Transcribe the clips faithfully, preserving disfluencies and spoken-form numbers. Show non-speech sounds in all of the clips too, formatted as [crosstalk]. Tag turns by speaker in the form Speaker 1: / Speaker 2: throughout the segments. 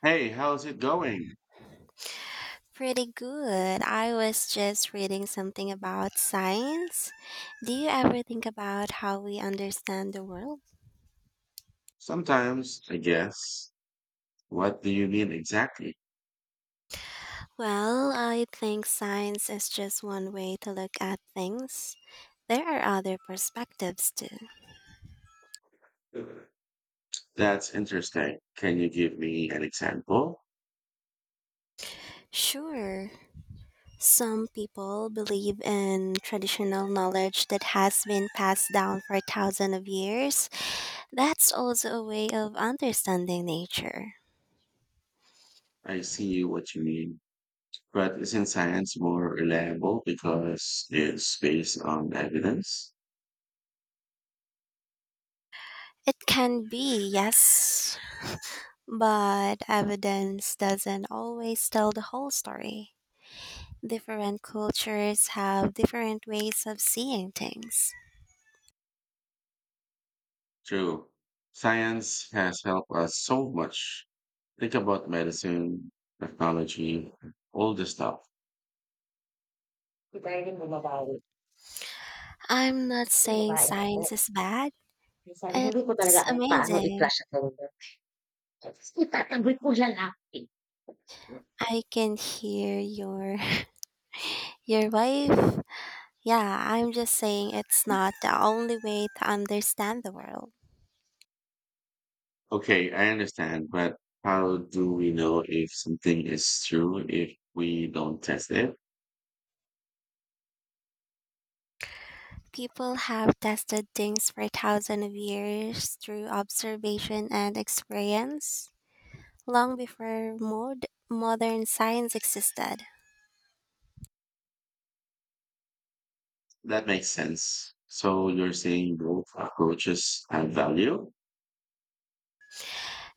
Speaker 1: Hey, how's it going?
Speaker 2: Pretty good. I was just reading something about science. Do you ever think about how we understand the world?
Speaker 1: Sometimes, I guess. What do you mean exactly?
Speaker 2: Well, I think science is just one way to look at things. There are other perspectives too.
Speaker 1: That's interesting. Can you give me an example?
Speaker 2: Sure, some people believe in traditional knowledge that has been passed down for thousands of years. That's also a way of understanding nature.
Speaker 1: I see what you mean. But isn't science more reliable because it's based on evidence?
Speaker 2: It can be, yes, but evidence doesn't always tell the whole story. Different cultures have different ways of seeing things.
Speaker 1: True. Science has helped us so much. Think about medicine, technology, all this stuff.
Speaker 2: I'm not saying science is bad. It's amazing. I can hear your [laughs] your wife. Yeah, I'm just saying it's not the only way to understand the world.
Speaker 1: Okay, I understand, but how do we know if something is true if we don't test it?
Speaker 2: People have tested things for thousands of years through observation and experience, long before mod- modern science existed.
Speaker 1: That makes sense. So you're saying both approaches have value?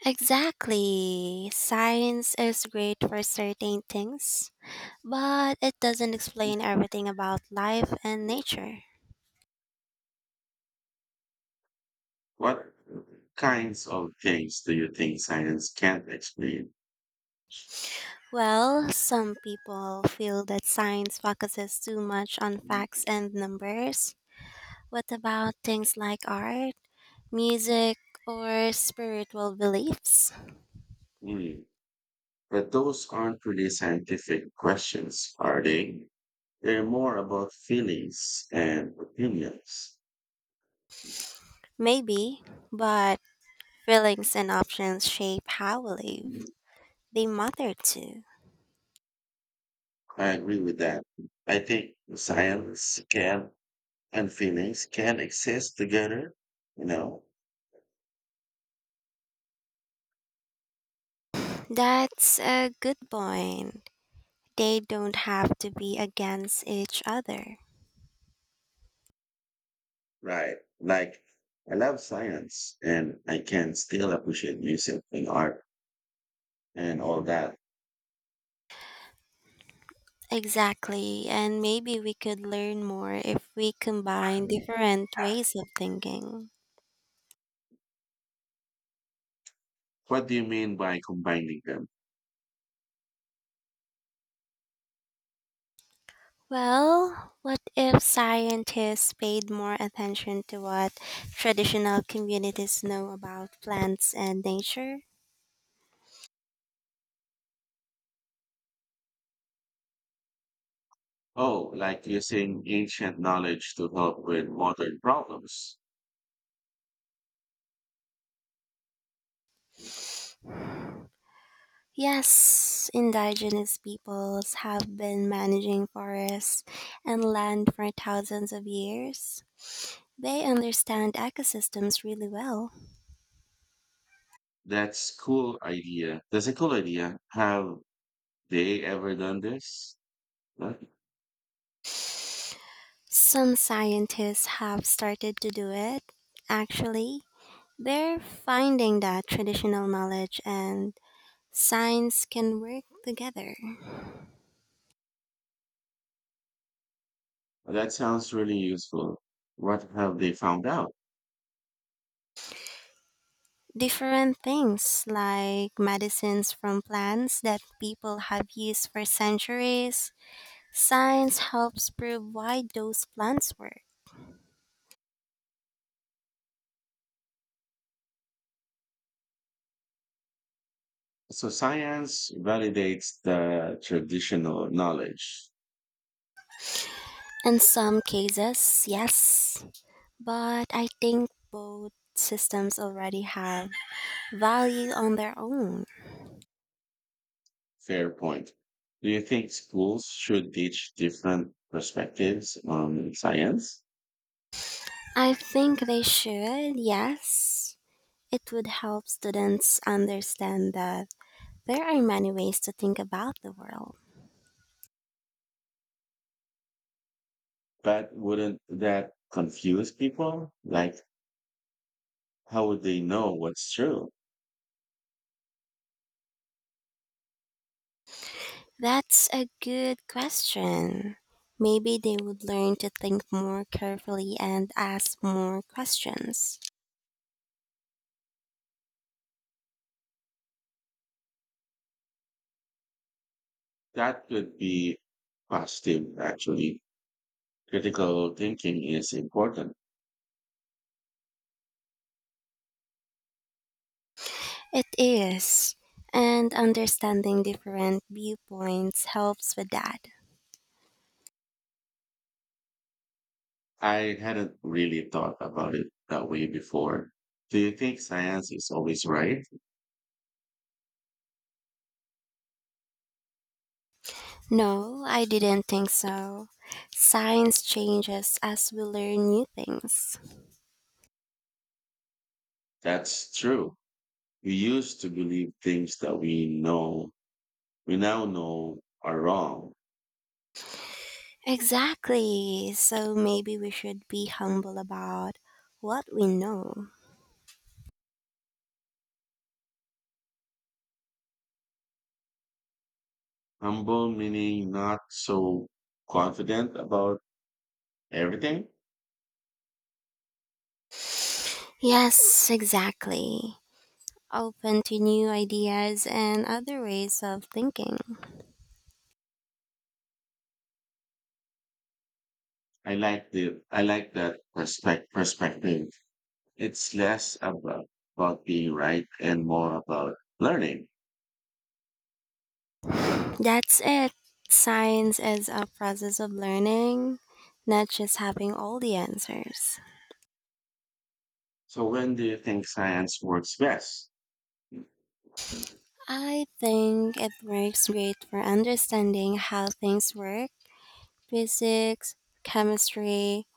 Speaker 2: Exactly. Science is great for certain things, but it doesn't explain everything about life and nature.
Speaker 1: What kinds of things do you think science can't explain?
Speaker 2: Well, some people feel that science focuses too much on facts and numbers. What about things like art, music, or spiritual beliefs?
Speaker 1: Hmm, but those aren't really scientific questions, are they? They're more about feelings and opinions.
Speaker 2: Maybe, but feelings and options shape how we live. They matter too.
Speaker 1: I agree with that. I think science can and feelings can exist together, you know,
Speaker 2: That's a good point. They don't have to be against each other.
Speaker 1: right? Like, I love science and I can still appreciate music and art and all that.
Speaker 2: Exactly, and maybe we could learn more if we combine
Speaker 1: Um,
Speaker 2: different ways of thinking.
Speaker 1: What do you mean by combining them?
Speaker 2: Well, what if scientists paid more attention to what traditional communities know about plants and nature?
Speaker 1: Oh, like using ancient knowledge to help with modern problems.
Speaker 2: Yes, indigenous peoples have been managing forests and land for thousands of years. They understand ecosystems really well.
Speaker 1: That's cool idea. That's a cool idea. Have they ever done this? Huh?
Speaker 2: Some scientists have started to do it. Actually, they're finding that traditional knowledge and science can work together.
Speaker 1: That sounds really useful. What have they found out?
Speaker 2: Different things like medicines from plants that people have used for centuries. Science helps prove why those plants work.
Speaker 1: So science validates the traditional knowledge.
Speaker 2: In some cases, yes, but I think both systems already have value on their own.
Speaker 1: Fair point. Do you think schools should teach different perspectives on science?
Speaker 2: I think they should, yes. It would help students understand that there are many ways to think about the world.
Speaker 1: But wouldn't that confuse people? Like, how would they know what's true?
Speaker 2: That's a good question. Maybe they would learn to think more carefully and ask more questions.
Speaker 1: That could be positive, actually. Critical thinking is important.
Speaker 2: It is. And understanding different viewpoints helps with that.
Speaker 1: I hadn't really thought about it that way before. Do you think science is always right?
Speaker 2: No, I didn't think so. Science changes as we learn new things.
Speaker 1: That's true. We used to believe things that we know, we now know are wrong.
Speaker 2: Exactly. So maybe we should be humble about what we know.
Speaker 1: Humble meaning not so confident about everything.
Speaker 2: Yes, exactly. Open to new ideas and other ways of thinking.
Speaker 1: I like the, I like that perspect, perspective. It's less about, about being right and more about learning.
Speaker 2: That's it. Science is a process of learning, not just having all the answers.
Speaker 1: So when do you think science works best?
Speaker 2: I think it works great for understanding how things work: physics, chemistry,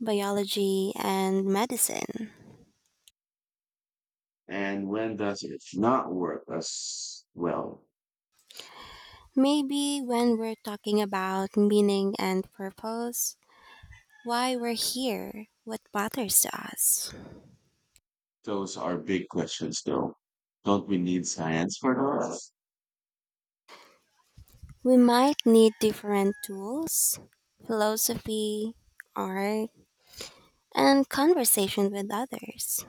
Speaker 2: biology, and medicine.
Speaker 1: And when does it not work as well?
Speaker 2: Maybe when we're talking about meaning and purpose, why we're here, what matters to us,
Speaker 1: Those are big questions though. Don't we need science for those?
Speaker 2: we might need different tools: philosophy, art, and conversation with others.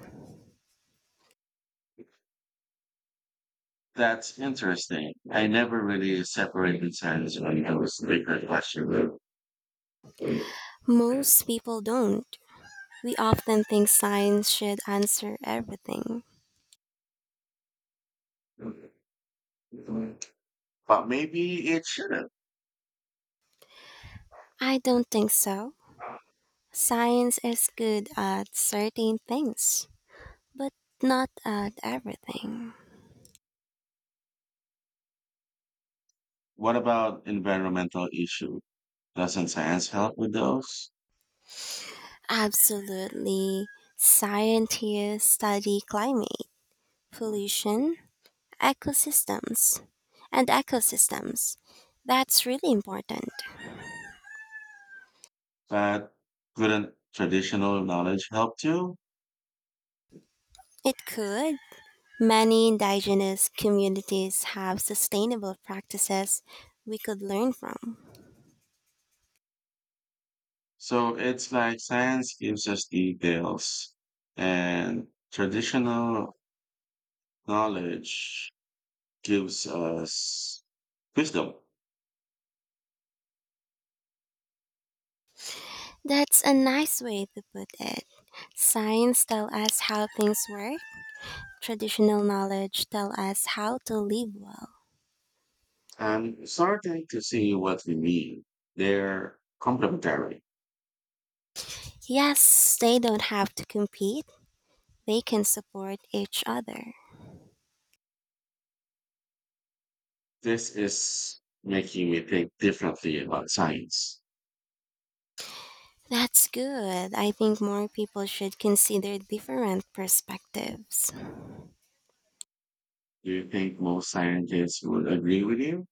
Speaker 1: That's interesting. I never really separated science when from those bigger questions.
Speaker 2: Most people don't. We often think science should answer everything.
Speaker 1: But maybe it shouldn't.
Speaker 2: I don't think so. Science is good at certain things, but not at everything.
Speaker 1: What about environmental issue? Doesn't science help with those?
Speaker 2: Absolutely. Scientists study climate, pollution, ecosystems, and ecosystems. That's really important.
Speaker 1: But couldn't traditional knowledge help too?
Speaker 2: It could. Many indigenous communities have sustainable practices we could learn from.
Speaker 1: So it's like science gives us details and traditional knowledge gives us wisdom.
Speaker 2: That's a nice way to put it. Science tells us how things work. Traditional knowledge tells us how to live well.
Speaker 1: I'm starting to see what we mean. They're complementary.
Speaker 2: Yes, they don't have to compete, they can support each other.
Speaker 1: This is making me think differently about science.
Speaker 2: That's good. I think more people should consider different perspectives.
Speaker 1: Do you think most scientists would agree with you?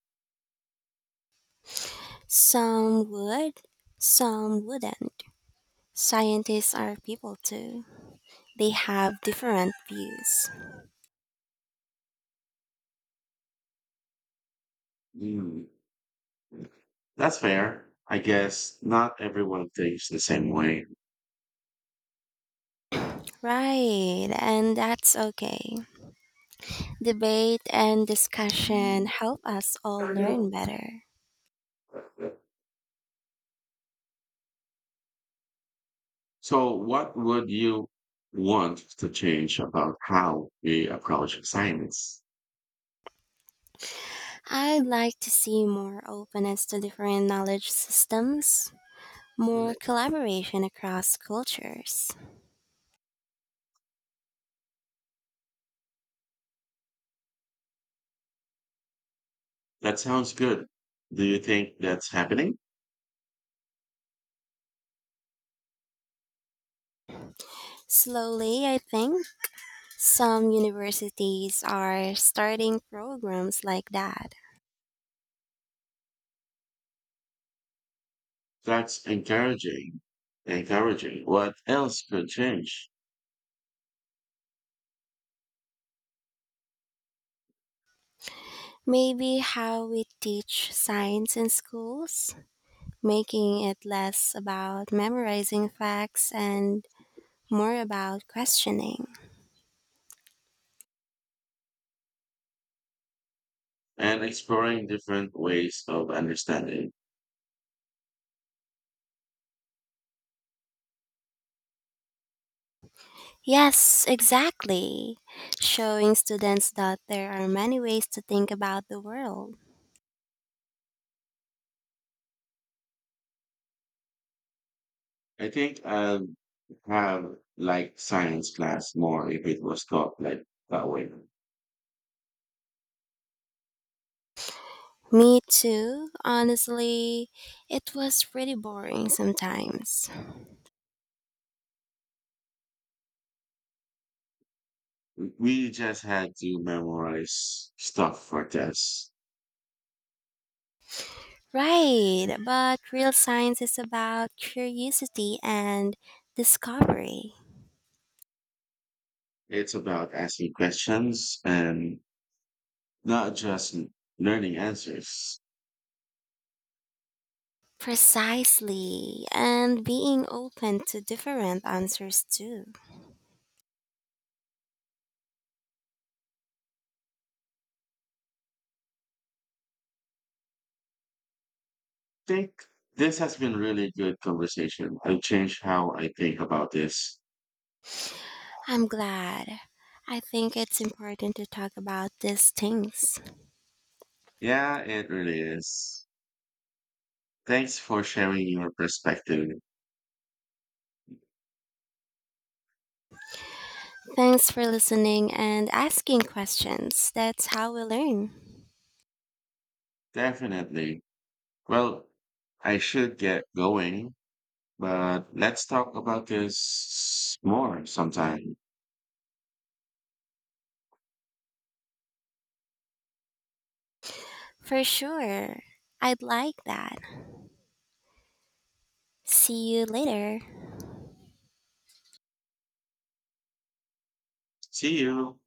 Speaker 2: Some would, some wouldn't. Scientists are people too. They have different views.
Speaker 1: Hmm. That's fair. I guess not everyone thinks the same way.
Speaker 2: Right, and that's okay. Debate and discussion help us all
Speaker 1: I
Speaker 2: learn
Speaker 1: know.
Speaker 2: better.
Speaker 1: So, what would you want to change about how we approach science?
Speaker 2: I'd like to see more openness to different knowledge systems, more collaboration across cultures.
Speaker 1: That sounds good. Do you think that's happening?
Speaker 2: Slowly, I think some universities are starting programs like that.
Speaker 1: That's encouraging. Encouraging. What else could change?
Speaker 2: Maybe how we teach science in schools, making it less about memorizing facts and more about questioning.
Speaker 1: And exploring different ways of understanding.
Speaker 2: Yes, exactly. Showing students that there are many ways to think about the world.
Speaker 1: I think I'd have like science class more if it was taught like that way.
Speaker 2: Me too, honestly, it was pretty boring sometimes.
Speaker 1: We just had to memorize stuff for tests.
Speaker 2: Right, but real science is about curiosity and discovery.
Speaker 1: It's about asking questions and not just n- learning answers.
Speaker 2: Precisely, and being open to different answers too.
Speaker 1: I think this has been really good conversation. I've changed how I think about this.
Speaker 2: I'm glad. I think it's important to talk about these things.
Speaker 1: Yeah, it really is. Thanks for sharing your perspective.
Speaker 2: Thanks for listening and asking questions. That's how we learn.
Speaker 1: Definitely. Well, I should get going, but let's talk about this more sometime.
Speaker 2: For sure. I'd like that. See you later.
Speaker 1: See you.